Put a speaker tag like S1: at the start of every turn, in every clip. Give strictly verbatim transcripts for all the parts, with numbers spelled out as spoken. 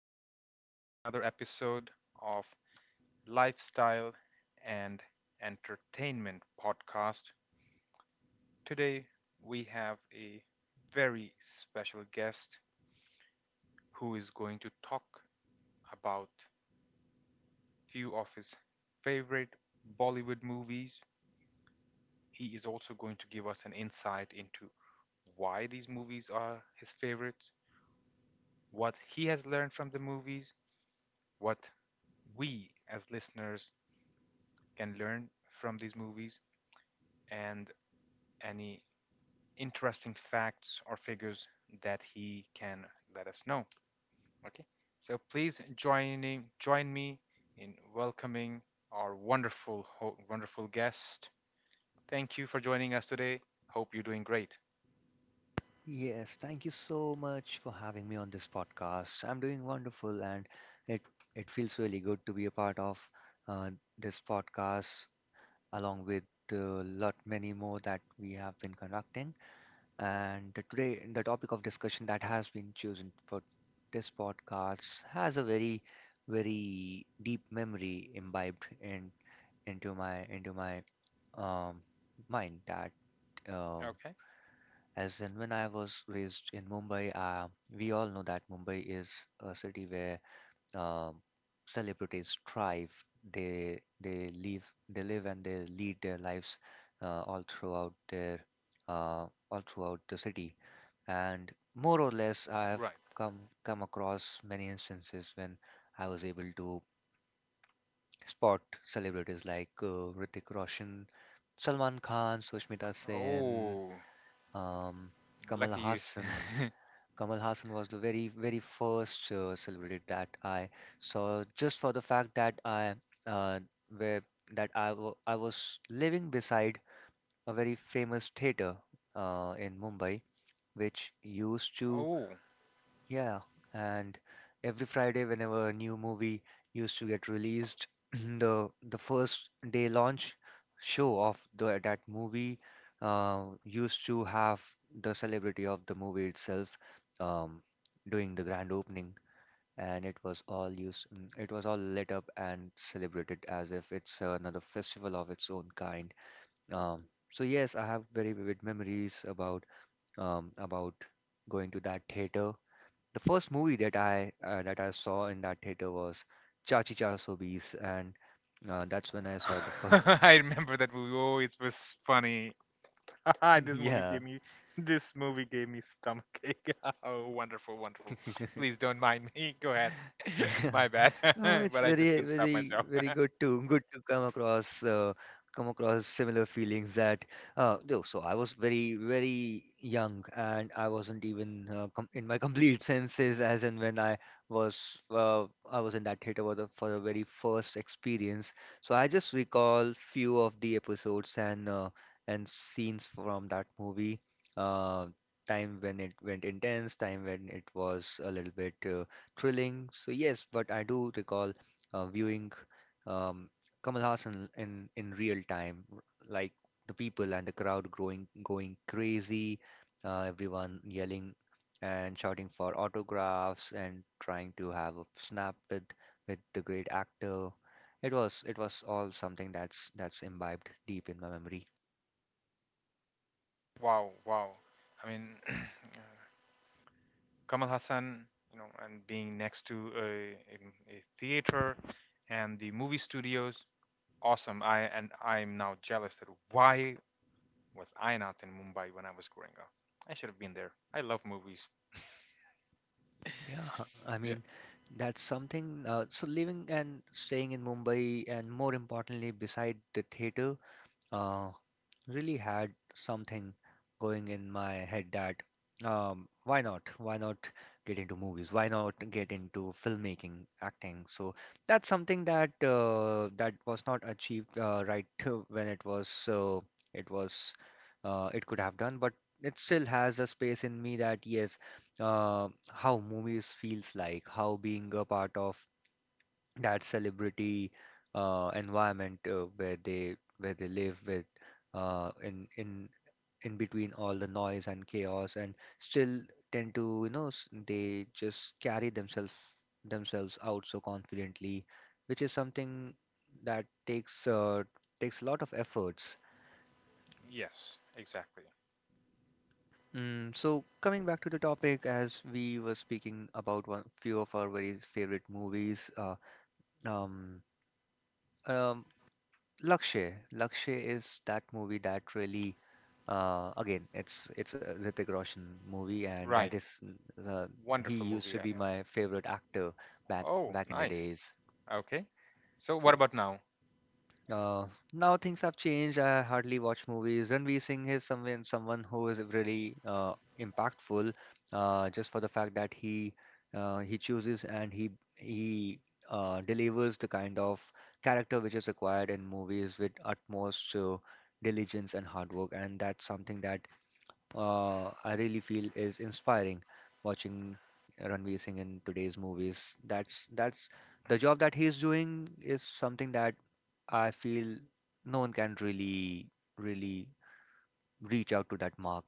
S1: welcome to another episode of Lifestyle and Entertainment Podcast. Today, we have a very special guest who is going to talk about few of his favorite Bollywood movies. He is also going to give us an insight into why these movies are his favorites, what he has learned from the movies, what we as listeners can learn from these movies and any interesting facts or figures that he can let us know. Okay, so please joining join me in welcoming our wonderful wonderful guest. Thank you for joining us today. Hope you're doing great.
S2: Yes, thank you so much for having me on this podcast. I'm doing wonderful, and it it feels really good to be a part of uh, this podcast, along with a lot many more that we have been conducting. And the, today, the topic of discussion that has been chosen for this podcast has a very, very deep memory imbibed in into my into my um, mind that. Um,
S1: Okay,
S2: as in, when I was raised in Mumbai, uh, we all know that Mumbai is a city where um celebrities thrive. They they live they live and they lead their lives uh, all throughout their uh, all throughout the city. And more or less, I have
S1: right.
S2: come come across many instances when I was able to spot celebrities like uh, Hrithik Roshan, Salman Khan, Sushmita Sen,
S1: Oh,
S2: um, Kamal
S1: lucky you.
S2: Hassan. Kamal Hassan was the very, very first uh, celebrity that I saw, just for the fact that I, uh, where that I, w I was living beside a very famous theater uh, in Mumbai, which used to
S1: Oh,
S2: yeah, and every Friday, whenever a new movie used to get released, the the first day launch show of the, that movie uh, used to have the celebrity of the movie itself um, doing the grand opening, and it was all used, mm, it was all lit up and celebrated as if it's another festival of its own kind. Um, so yes, I have very vivid memories about um, about going to that theater. The first movie that I uh, that I saw in that theater was Chachi Chasobis, and uh, that's when I saw the first.
S1: I remember that movie. Oh, it was funny. This movie
S2: Yeah.
S1: gave me this movie gave me stomach ache. Oh, wonderful, wonderful. Please don't mind me. Go ahead.
S2: Yeah.
S1: My bad.
S2: No, it's
S1: But I just
S2: very,
S1: couldn't stop
S2: very,
S1: myself.
S2: very good to good to come across uh, come across similar feelings that uh, though. So I was very, very young, and I wasn't even uh, com in my complete senses as in when I was uh, I was in that theater for the for the very first experience. So I just recall few of the episodes and uh, and scenes from that movie. Uh, Time when it went intense, time when it was a little bit. Uh, thrilling. So yes, but I do recall uh, viewing um, Kamal Hassan in in real time, r- like the people and the crowd growing going crazy, uh, everyone yelling and shouting for autographs and trying to have a snap with with the great actor. It was it was all something that's that's imbibed deep in my memory.
S1: Wow, wow. I mean, uh, Kamal Hassan, you know, and being next to a, a, a theater and the movie studios, awesome. I and I'm now jealous that why was I not in Mumbai when I was growing up? I should have been there. I love movies.
S2: Yeah, I
S1: Yeah.
S2: mean, that's something. Uh, so living and staying in Mumbai, and more importantly, beside the theater, uh, really had something going in my head that um, why not? Why not get into movies? Why not get into filmmaking, acting? So that's something that uh, that was not achieved uh, right to when it was uh, it was uh, it could have done, but it still has a space in me that yes, uh, how movies feels like, how being a part of that celebrity uh, environment uh, where they where they live with uh, in in in between all the noise and chaos and still tend to you know s- they just carry themselves themselves out so confidently, which is something that takes uh, takes a lot of efforts.
S1: Yes, exactly.
S2: Mm, so coming back to the topic, as we were speaking about one few of our very favorite movies, uh, um, um, Lakshay. Lakshay is that movie that really, uh, again, it's it's a Hrithik Roshan movie, and
S1: Right.
S2: that is uh, he
S1: Wonderful
S2: used
S1: movie,
S2: to
S1: I
S2: be
S1: know.
S2: my favorite actor back
S1: Oh,
S2: back in the
S1: nice.
S2: days.
S1: Okay. So what
S2: So
S1: about now?
S2: uh, now things have changed. I hardly watch movies. Ranveer Singh is someone someone who is really uh, impactful, uh, just for the fact that he uh, he chooses and he he uh, delivers the kind of character which is required in movies with utmost uh, diligence and hard work, and that's something that uh, I really feel is inspiring watching Ranveer Singh in today's movies. That's that's the job that he's doing is something that I feel no one can really really reach out to that mark.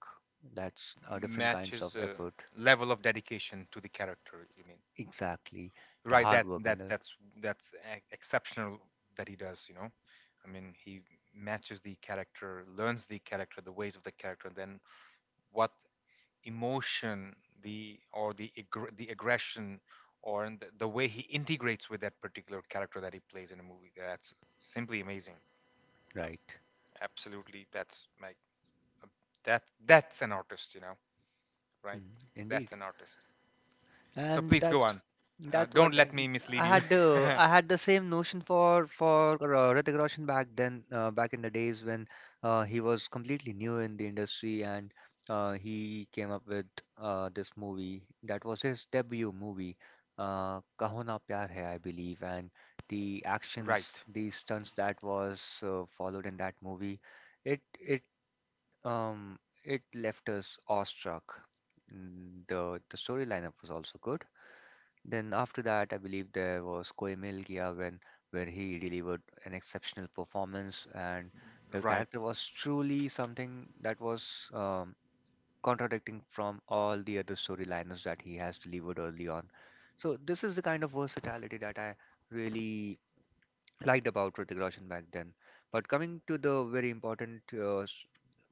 S2: That's uh, different kinds of
S1: Matches uh,
S2: effort.
S1: level of dedication to the character, you mean?
S2: Exactly. The
S1: Right,
S2: hard
S1: that
S2: work and
S1: that
S2: the
S1: that's that's e- exceptional that he does, you know. I mean, he matches the character, learns the character, the ways of the character, then what emotion the or the aggr- the aggression or in the, the way he integrates with that particular character that he plays in a movie. That's simply amazing, you know.
S2: right.
S1: Absolutely, that's my That that's an artist, you know, right?
S2: Mm,
S1: That's
S2: indeed.
S1: an artist. So
S2: And
S1: please go
S2: that's
S1: on. Uh,
S2: that
S1: don't
S2: what that,
S1: let me mislead
S2: I
S1: you.
S2: had the I had the same notion for for uh, Hrithik Roshan back then uh, back in the days when uh, he was completely new in the industry and uh, he came up with uh, this movie that was his debut movie, uh, Kaho Na Pyar Hai, I believe, and the actions,
S1: Right,
S2: the stunts that was uh, followed in that movie, it it um, it left us awestruck. Mm, The the story lineup was also good. Then after that, I believe there was Koi Mil Gya, when where he delivered an exceptional performance, and the
S1: right,
S2: character was truly something that was um, contradicting from all the other storylines that he has delivered early on. So this is the kind of versatility that I really liked about Hrithik Roshan back then. But coming to the very important uh, s-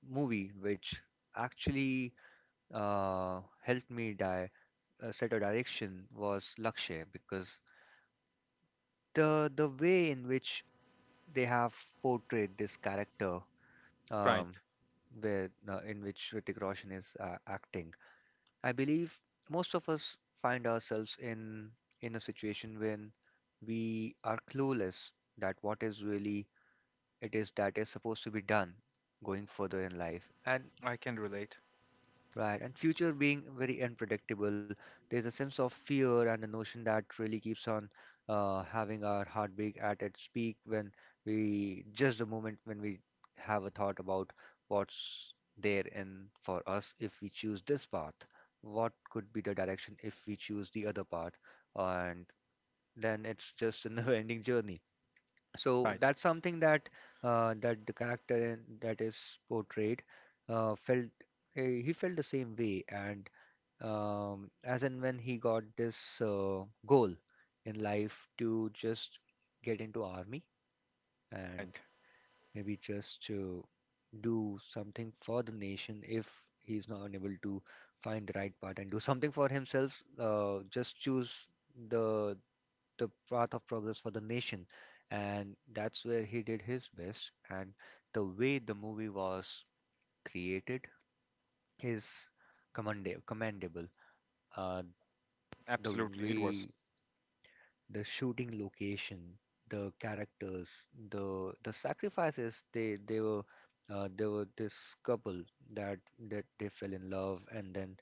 S2: movie, which actually uh, helped me di- uh, set a direction, was Lakshay, because the the way in which they have portrayed this character,
S1: right.
S2: um, where uh, in which Hrithik Roshan is uh, acting, I believe most of us find ourselves in in a situation when we are clueless that what is really it is that is supposed to be done going further in life and
S1: I can relate.
S2: right, and future being very unpredictable, there's a sense of fear and the notion that really keeps on uh, having our heartbeat at its peak when we just the moment when we have a thought about what's there in for us if we choose this path, what could be the direction if we choose the other path, and then it's just a never ending journey. So
S1: Right,
S2: that's something that uh, that the character in- that is portrayed uh, felt eh, he felt the same way, and um, as and when he got this uh, goal in life to just get into army and
S1: right.
S2: maybe just to do something for the nation. If he's not able to find the right path and do something for himself, uh, just choose the the path of progress for the nation. And that's where he did his best. And the way the movie was created is commenda- commendable. Uh, the
S1: Absolutely, it was.
S2: way, the shooting location, the characters, the the sacrifices they they were uh, there were this couple that that they fell in love, and then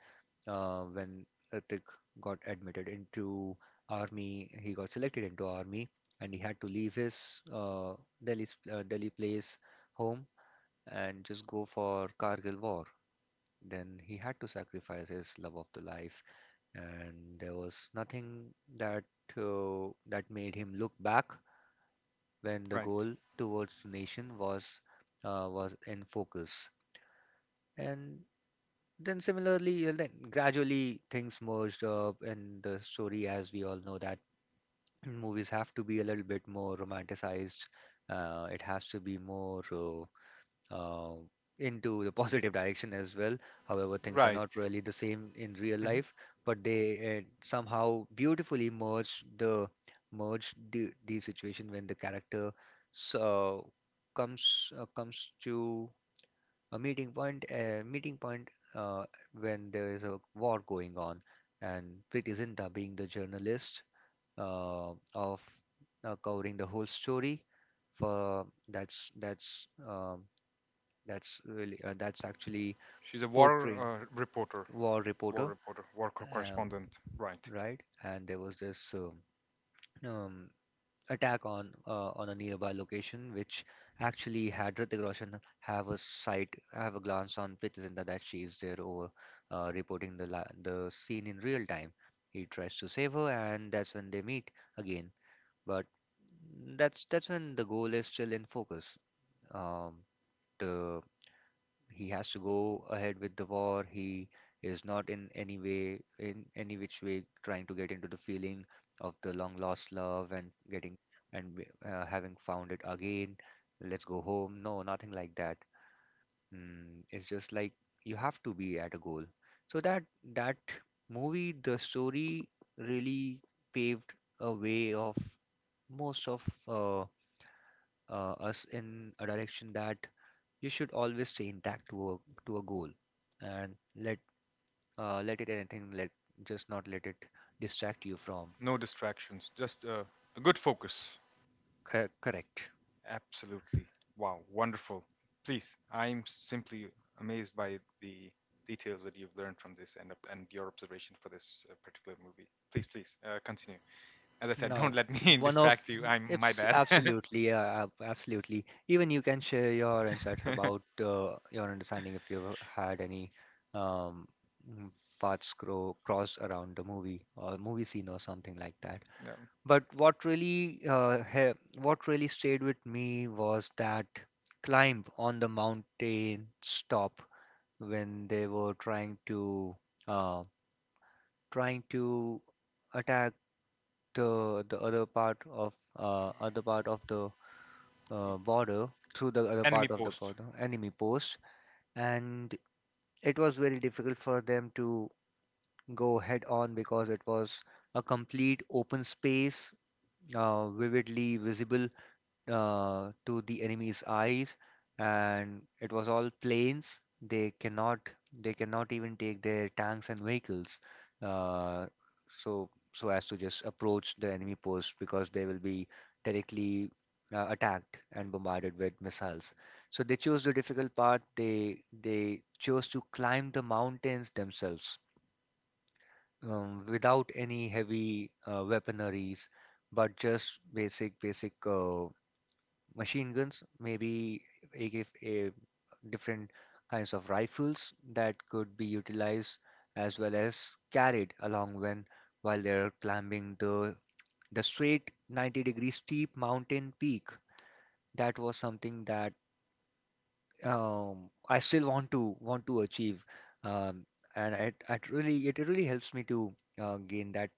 S2: uh, when Hrithik got admitted into army, he got selected into army and he had to leave his uh, Delhi uh, Delhi place, home, and just go for Kargil war. Then he had to sacrifice his love of the life, and there was nothing that uh, that made him look back when the
S1: Right,
S2: goal towards the nation was uh, was in focus. And then similarly, uh, then gradually things merged up in the story, as we all know that movies have to be a little bit more romanticized. Uh, it has to be more. Uh, uh, into the positive direction as well. However, things are
S1: right.
S2: not really the same in real
S1: Hmm.
S2: life, but they uh, somehow beautifully merge the merge the, the situation when the character so comes uh, comes to a meeting point a meeting point uh, when there is a war going on, and Priti Zinta being the journalist uh, of uh, covering the whole story for that's that's um, that's really uh, that's actually
S1: She's a
S2: portraying
S1: war uh, reporter,
S2: war
S1: war
S2: reporter,
S1: reporter, war co-
S2: uh,
S1: correspondent. Right.
S2: right? And there was this um, um, attack on uh, on a nearby location, which actually had Hrithik Roshan have a sight, have a glance on Priti Zinta that she is there over uh, reporting the la the scene in real time. He tries to save her, and that's when they meet again. But that's that's when the goal is still in focus. Um, the He has to go ahead with the war. He is not in any way, in any which way, trying to get into the feeling of the long lost love and getting and uh, having found it again. Let's go home, no, nothing like that. mm, it's just like you have to be at a goal. So that that movie, the story, really paved a way of most of uh, uh, us in a direction that you should always stay intact to a to a goal, and let uh, let it anything let just not let it distract you from.
S1: No distractions, just uh, a good focus.
S2: Cor- correct
S1: Absolutely. Wow, wonderful. Please, I'm simply amazed by the details that you've learned from this and and your observation for this uh, particular movie. Please, please, uh, continue. As I said,
S2: Now,
S1: don't let me
S2: one of
S1: distract you. I'm my
S2: it's
S1: bad.
S2: absolutely, uh, ab- absolutely, even you can share your insights
S1: No.
S2: about uh, your understanding if you've had any um mm, paths cro- crossed around the movie or movie scene or something like that. But what really uh, he- what really stayed with me was that climb on the mountain top when they were trying to uh, trying to attack the the other part of uh, other part of the uh, border, through the other
S1: Enemy
S2: part of the
S1: post.
S2: border enemy post. And it was very difficult for them to go head on because it was a complete open space, uh, vividly visible uh, to the enemy's eyes, and it was all planes. They cannot they cannot even take their tanks and vehicles, uh, so so as to just approach the enemy post because they will be directly uh, attacked and bombarded with missiles. So they chose the difficult part. They they chose to climb the mountains themselves, um, without any heavy uh, weaponaries, but just basic basic uh, machine guns, maybe A K, uh, different kinds of rifles that could be utilized as well as carried along when while they're climbing the the straight ninety degree steep mountain peak. That was something that um, I still want to want to achieve. um, and it, it really it really helps me to uh, gain that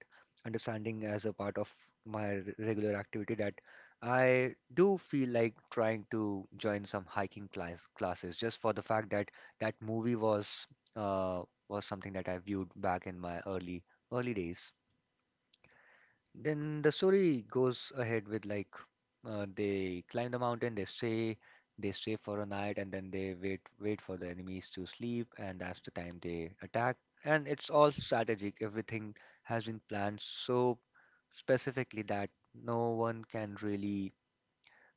S2: understanding as a part of my r- regular activity that I do feel like trying to join some hiking class classes just for the fact that that movie was uh, was something that I viewed back in my early early days. Then the story goes ahead with, like, uh, they climb the mountain, they stay, they stay for a night, and then they wait wait for the enemies to sleep, and that's the time they attack. And it's all strategic. Everything has been planned so specifically that no one can really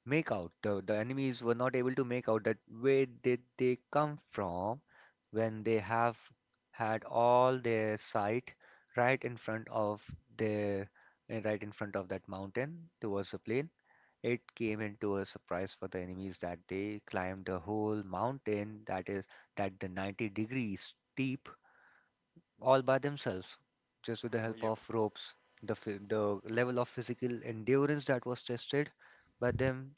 S2: make out. The, the enemies were not able to make out that where did they come from when they have had all their sight right in front of their eh, right in front of that mountain towards the plain. It came into a surprise for the enemies that they climbed the whole mountain that is that the ninety degrees steep all by themselves just with the
S1: Well,
S2: help
S1: yep.
S2: of ropes. The, phy- the level of physical endurance that was tested by them,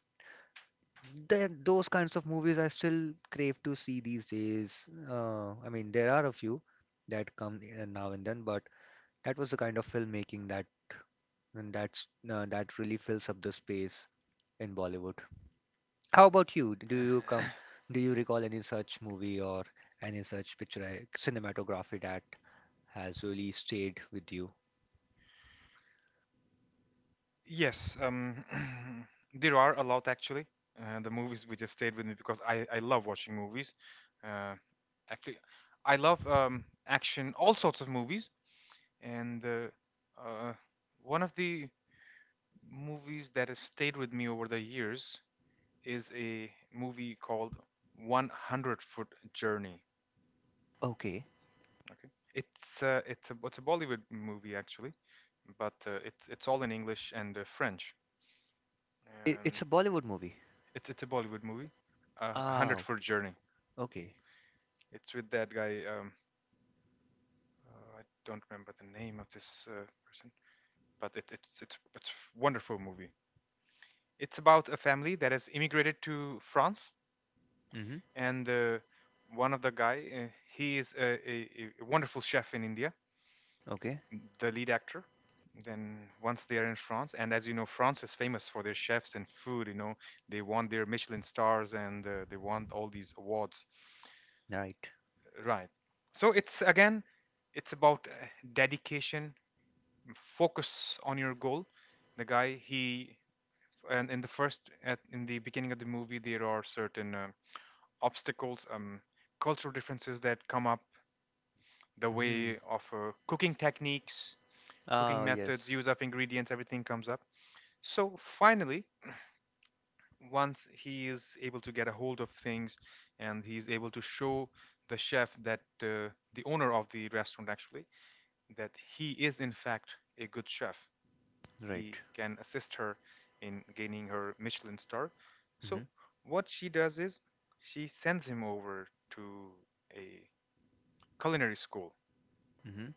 S2: then those kinds of movies I still crave to see these days. Uh, I mean, there are a few that come uh, now and then, but that was the kind of filmmaking that and that's uh, that really fills up the space in Bollywood. How about you? Do you come? Do you recall any such movie or any such picture, uh, cinematography, that has really stayed with you?
S1: Yes, um, there are a lot actually. Uh, the movies which have stayed with me because I, I love watching movies. Uh, Actually, I love um, action, all sorts of movies. And uh, uh, one of the movies that has stayed with me over the years is a movie called 100 Foot Journey.
S2: Okay.
S1: Okay, it's uh, it's a it's a Bollywood movie actually, but uh, it's it's all in English and uh, French.
S2: I-
S1: And
S2: it's a Bollywood movie.
S1: it's it's a Bollywood movie, uh, 100
S2: Ah,
S1: Foot Journey.
S2: okay.
S1: It's with that guy. Um, uh, I don't remember the name of this uh, person, but it, it's it's it's a wonderful movie. It's about a family that has immigrated to France,
S2: Mm-hmm.
S1: and uh, one of the guy, uh, he is a, a, a wonderful chef in India,
S2: Okay.
S1: the lead actor. Then once they are in France, and as you know, France is famous for their chefs and food. You know, they want their Michelin stars and uh, they want all these awards.
S2: Right.
S1: Right. So it's again, it's about uh, dedication, focus on your goal. The guy, he, and in the first, at, in the beginning of the movie, there are certain uh, obstacles, um, cultural differences that come up, the
S2: Mm-hmm.
S1: way of uh, cooking techniques, cooking
S2: Ah, yes.
S1: methods, use of ingredients, everything comes up. So finally, once he is able to get a hold of things and he's able to show the chef that uh, the owner of the restaurant actually, that he is in fact a good chef,
S2: Right.
S1: he can assist her in gaining her Michelin star.
S2: Mm-hmm.
S1: So what she does is she sends him over to a culinary school
S2: Mm-hmm.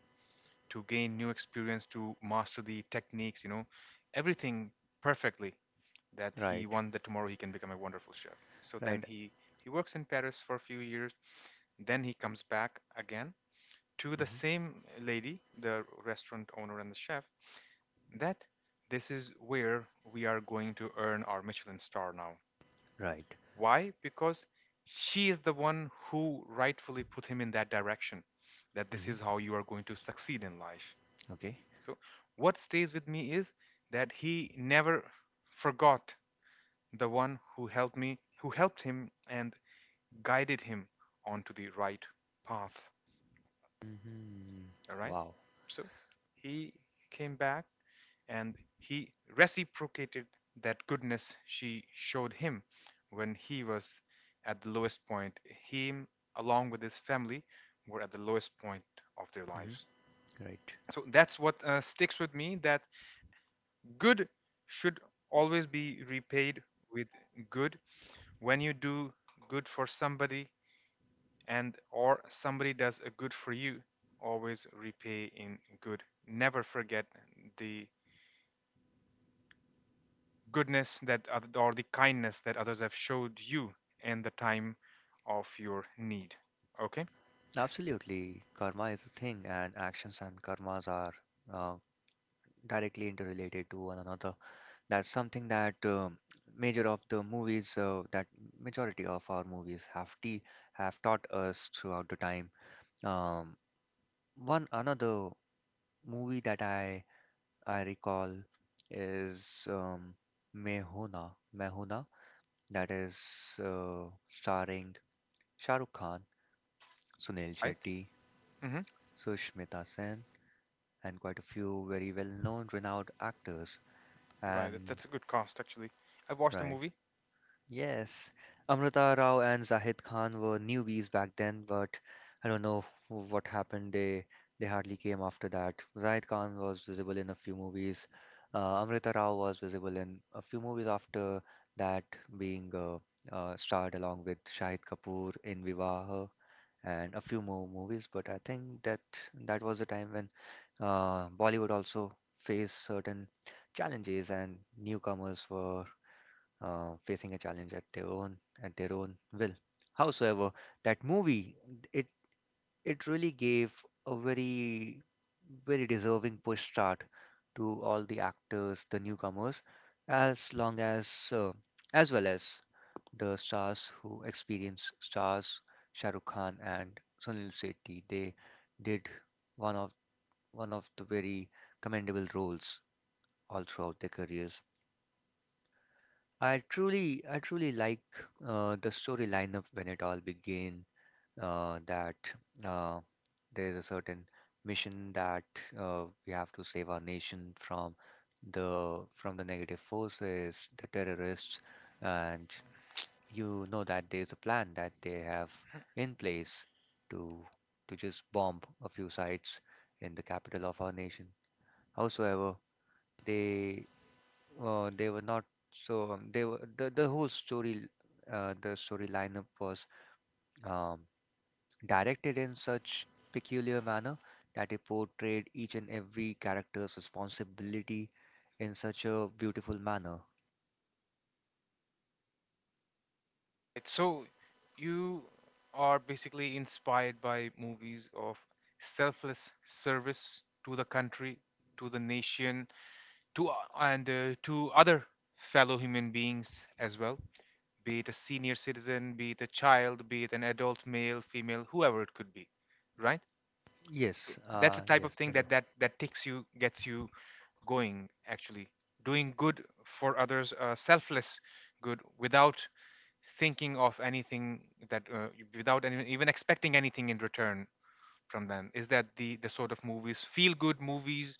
S1: to gain new experience, to master the techniques, you know, everything perfectly, that he
S2: Right.
S1: wants that tomorrow he can become a wonderful chef. So then
S2: Right.
S1: he he works in Paris for a few years. Then he comes back again to the
S2: Mm-hmm.
S1: same lady, the restaurant owner and the chef, that this is where we are going to earn our Michelin star now.
S2: Right.
S1: Why? Because she is the one who rightfully put him in that direction, that this
S2: Mm-hmm.
S1: is how you are going to succeed in life.
S2: Okay.
S1: So, what stays with me is that he never forgot the one who helped me, who helped him and guided him onto the right path.
S2: Mm-hmm.
S1: All right.
S2: Wow.
S1: So, he came back and he reciprocated that goodness she showed him when he was at the lowest point. Him, along with his family, were at the lowest point of their lives.
S2: Mm-hmm. Right.
S1: So that's what uh, sticks with me. That good should always be repaid with good. When you do good for somebody and or somebody does a good for you, always repay in good. Never forget the goodness that oth- or the kindness that others have showed you in the time of your need. Okay?
S2: Absolutely. Karma is a thing, and actions and karmas are uh, directly interrelated to one another. That's something that um major of the movies, uh, that majority of our movies have t have taught us throughout the time. Um, One another movie that I I recall is um, Mehuna, Mehuna, that is uh, starring Shah Rukh Khan, Sunil
S1: Right?
S2: Shetty,
S1: Mhm.
S2: Sushmita Sen, and quite a few very well-known, renowned actors.
S1: Right. that-
S2: And
S1: That's a good cost actually. I've watched the
S2: right.
S1: movie.
S2: Yes, Amrita Rao and Zahid Khan were newbies back then, but I don't know what happened. They they hardly came after that. Zahid Khan was visible in a few movies. Uh, Amrita Rao was visible in a few movies after that, being uh, uh, starred along with Shahid Kapoor in Vivaha and a few more movies. But I think that that was the time when uh, Bollywood also faced certain challenges, and newcomers were uh, facing a challenge at their own at their own will. Howsoever, that movie, it it really gave a very, very deserving push start to all the actors, the newcomers, as long as uh, as well as the stars, who experience stars Shah Rukh Khan and Sunil Shetty. They did one of one of the very commendable roles all throughout their careers. I truly, I truly like uh, the story lineup when it all began. Uh, that uh, there is a certain mission that uh, we have to save our nation from the from the negative forces, the terrorists, and you know that there is a plan that they have in place to to just bomb a few sites in the capital of our nation. Howsoever, they uh, they were not so, um, they were the, the whole story, uh, the story lineup was, um, directed in such peculiar manner that it portrayed each and every character's responsibility in such a beautiful manner.
S1: Right, so you are basically inspired by movies of selfless service to the country, to the nation, to uh, and uh, to other fellow human beings as well, be it a senior citizen, be it a child, be it an adult male, female, whoever it could be, right?
S2: Yes,
S1: That's the
S2: uh,
S1: type of
S2: yes,
S1: thing
S2: I do.
S1: that that that takes you, gets you going actually, doing good for others, uh, selfless good without thinking of anything that uh, without any, even expecting anything in return from them is that the the sort of movies, feel good movies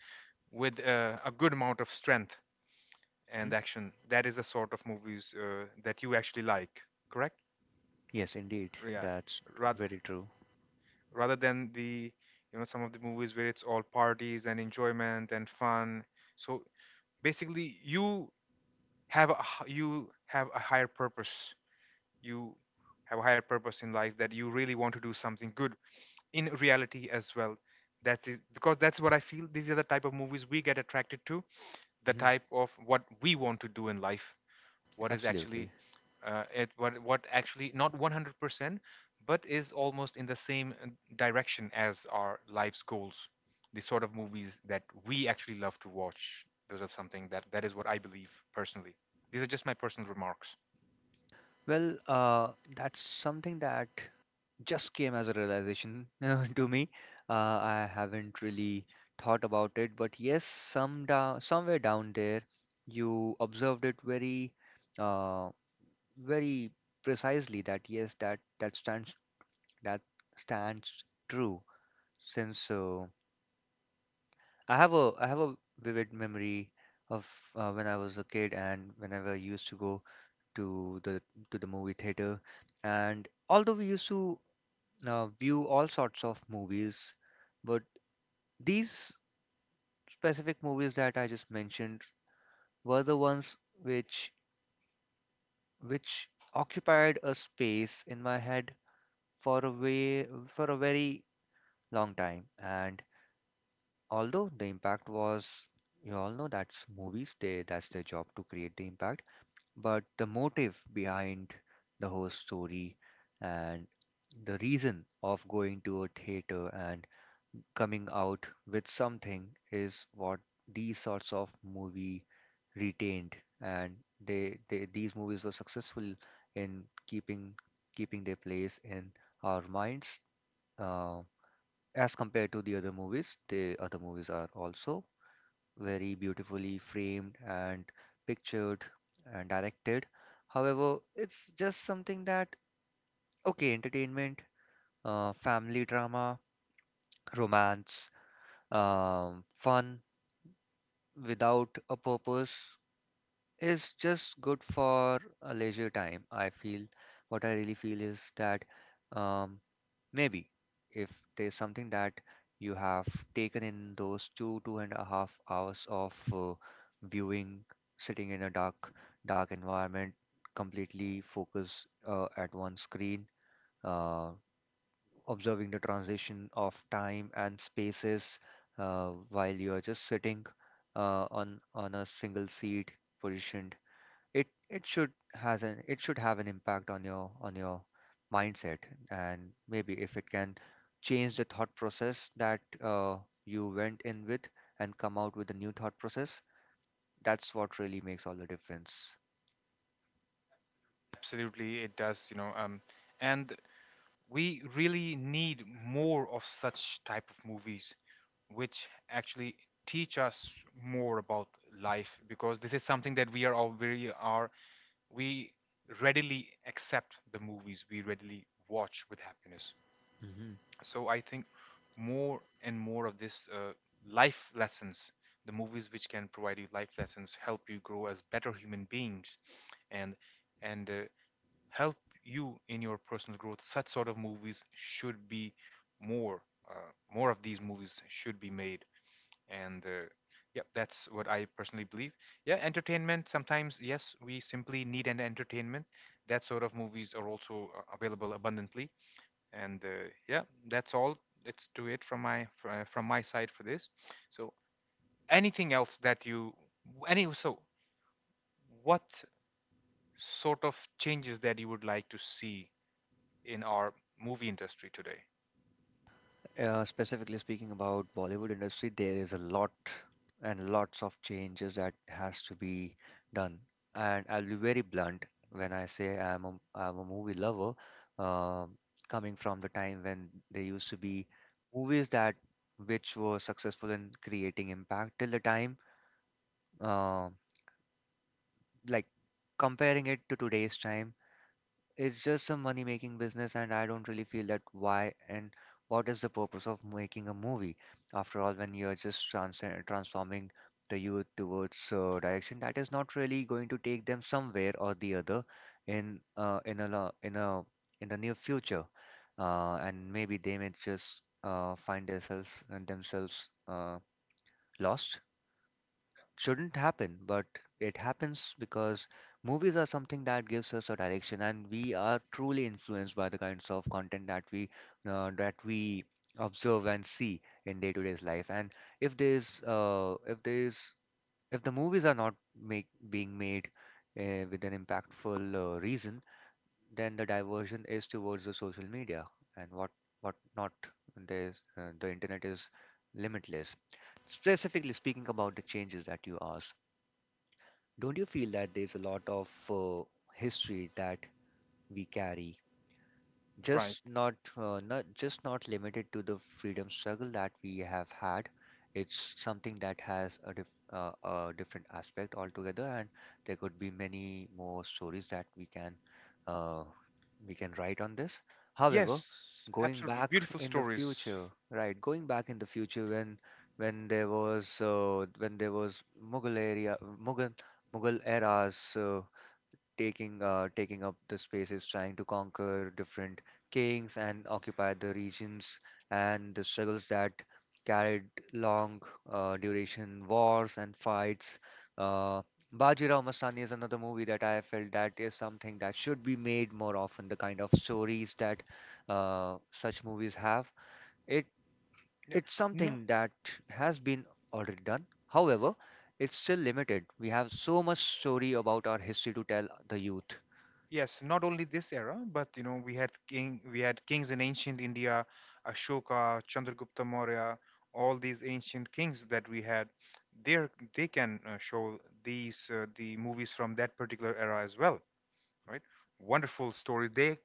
S1: with uh, a good amount of strength
S2: Mhm.
S1: and action, that is the sort of movies uh, that you actually like, correct?
S2: Yes, indeed,
S1: Yeah,
S2: that's
S1: rather
S2: very true.
S1: rather than the, you know some of the movies where it's all parties and enjoyment and fun. So basically you have a, h- you have a higher purpose you have a higher purpose in life, that you really want to do something good in reality as well. That's it, because that's what I feel. These are the type of movies we get attracted to, the
S2: Mhm.
S1: type of what we want to do in life, what is actually
S2: Absolutely.
S1: uh, it what what actually, not one hundred percent but is almost in the same uh, direction as our life's goals. The sort of movies that we actually love to watch, those are something that that is what I believe personally. These are just my personal remarks.
S2: Well, uh, that's something that just came as a realization to me. Uh, I haven't really thought about it, but yes, some da somewhere down there, you observed it very, uh, very precisely, that yes, that that stands, that stands true since uh, I have a I have a vivid memory of, uh, when I was a kid and whenever I used to go to the to the movie theater. And although we used to uh, view all sorts of movies, but these specific movies that I just mentioned were the ones which which occupied a space in my head for a way for a very long time. And although the impact was, you all know that's movies, they that's their job to create the impact, but the motive behind the whole story and the reason of going to a theater and coming out with something is what these sorts of movie retained, and they, they these movies were successful in keeping keeping their place in our minds, uh, as compared to the other movies. The other movies are also very beautifully framed and pictured and directed. However, it's just something that, okay, entertainment, uh, family drama, romance, um, fun without a purpose, is just good for a leisure time. I feel What I really feel is that, um, maybe if there's something that you have taken in those two, two and a half hours of uh, viewing, sitting in a dark, dark environment, completely focus, uh, at one screen, uh, observing the transition of time and spaces, uh, while you are just sitting, uh, on on a single seat positioned. It it should has an it should have an impact on your on your mindset. And maybe if it can change the thought process that uh, you went in with, and come out with a new thought process. That's what really makes all the difference.
S1: Absolutely it does, you know. Um and we really need more of such type of movies which actually teach us more about life, because this is something that we are all very, are we readily accept the movies, we readily watch with happiness. So I think more and more of this, uh, life lessons, the movies which can provide you life lessons, help you grow as better human beings, and and uh, help you in your personal growth. Such sort of movies should be more. Uh, More of these movies should be made. And uh, yeah, that's what I personally believe. Yeah, entertainment. Sometimes, yes, we simply need an entertainment. That sort of movies are also uh, available abundantly. And uh, yeah, that's all. It's to it from my fr- uh, from my side for this. So anything else that you any so what sort of changes that you would like to see in our movie industry today?
S2: Uh, specifically speaking about Bollywood industry, there is a lot and lots of changes that has to be done. And I'll be very blunt when I say I'm a, I'm a movie lover, um, coming from the time when there used to be movies that which were successful in creating impact till the time, uh, like, comparing it to today's time, it's just a money making business, and I don't really feel that, why and what is the purpose of making a movie? After all, when you're just trans transforming the youth towards, uh, direction that is not really going to take them somewhere or the other in uh, in a lo- in a in the near future, uh, and maybe they may just uh, find themselves themselves, uh, lost. Shouldn't happen, but it happens because movies are something that gives us a direction, and we are truly influenced by the kinds of content that we, uh, that we observe and see in day-to-day's life. And if there's uh, if there's if the movies are not make being made uh, with an impactful uh, reason, then the diversion is towards the social media and what what not. There's uh, the internet is limitless. Specifically speaking about the changes that you asked, don't you feel that there's a lot of uh, history that we carry,
S1: Right.
S2: just not, uh, not just not limited to the freedom struggle that we have had. It's something that has a, dif- uh, a different aspect altogether, and there could be many more stories that we can, uh, we can write on this. However,
S1: Yes,
S2: going
S1: absolutely.
S2: back
S1: Beautiful
S2: in the
S1: stories.
S2: future, right, going back in the future when when there was uh, when there was mughal area, mughal mughal eras. Uh, taking uh, taking up the spaces, trying to conquer different kings and occupy the regions, and the struggles that carried long uh, duration wars and fights. Uh, Bajirao Mastani is another movie that I felt that is something that should be made more often. The kind of stories that uh, such movies have, it
S1: Yeah.
S2: it's
S1: No,
S2: something that has been already done. However, it's still limited. We have so much story about our history to tell the youth.
S1: yes, not only this era, but you know, we had king, we had kings in ancient India, Ashoka, Chandragupta Maurya, all these ancient kings that we had. There, they can uh, show these uh, the movies from that particular era as well, right? Wonderful story. They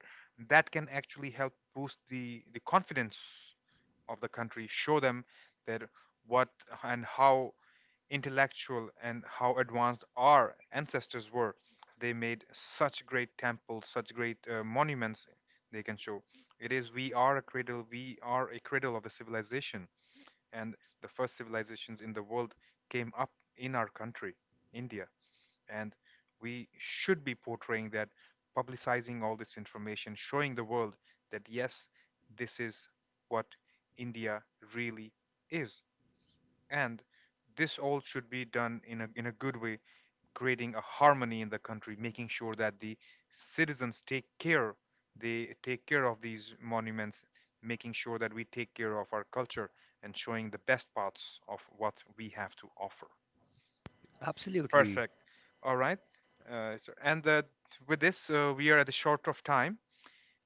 S1: that can actually help boost the the confidence of the country, show them that what and how intellectual and how advanced our ancestors were. They made such great temples, such great uh, monuments. They can show it. is, we are a cradle we are a cradle of the civilization, and the first civilizations in the world came up in our country, India. And we should be portraying that, publicizing all this information, showing the world that yes, this is what India really is. And this all should be done in a, in a good way, creating a harmony in the country, making sure that the citizens take care, they take care of these monuments, making sure that we take care of our culture and showing the best parts of what we have to offer.
S2: Absolutely.
S1: Perfect. All right. Uh, so, and uh, with this, uh, we are at the short of time.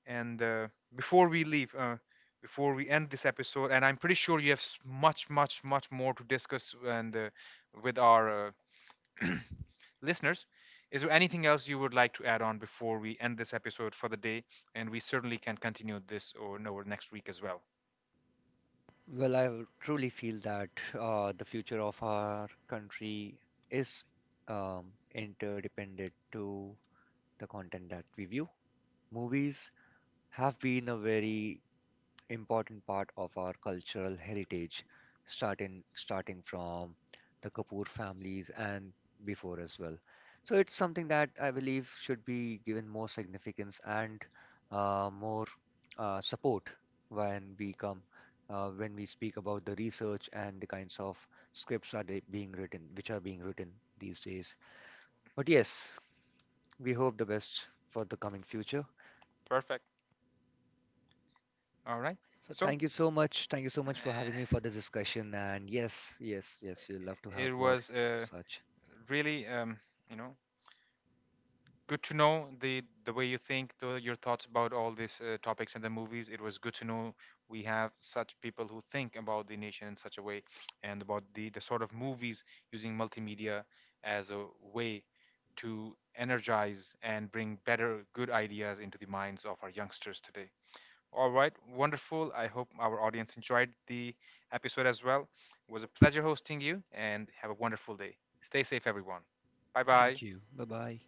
S1: And uh, before we leave, uh, before we end this episode, and I'm pretty sure you have s- much, much, much more to discuss and uh, with our uh, listeners. Is there anything else you would like to add on before we end this episode for the day? And we certainly can continue this or over next week as well.
S2: Well, I truly feel that uh, the future of our country is, um, interdependent to the content that we view. Movies have been a very important part of our cultural heritage, starting starting from the Kapoor families and before as well. So it's something that I believe should be given more significance and uh, more uh, support when we come uh, when we speak about the research and the kinds of scripts are they being written, which are being written these days. But yes, we hope the best for the coming future.
S1: Perfect. All right.
S2: So
S1: So
S2: thank you so much. Thank you so much for
S1: uh,
S2: having me for the discussion. And yes, yes, yes, we'll love to have
S1: it
S2: more
S1: was
S2: of
S1: uh,
S2: such.
S1: really, um, you know, good to know the the way you think, the, your thoughts about all these uh, topics and the movies. It was good to know we have such people who think about the nation in such a way, and about the the sort of movies, using multimedia as a way to energize and bring better, good ideas into the minds of our youngsters today. All right, wonderful. I hope our audience enjoyed the episode as well. It was a pleasure hosting you, and have a wonderful day. Stay safe, everyone. Bye bye.
S2: Thank you. Bye bye.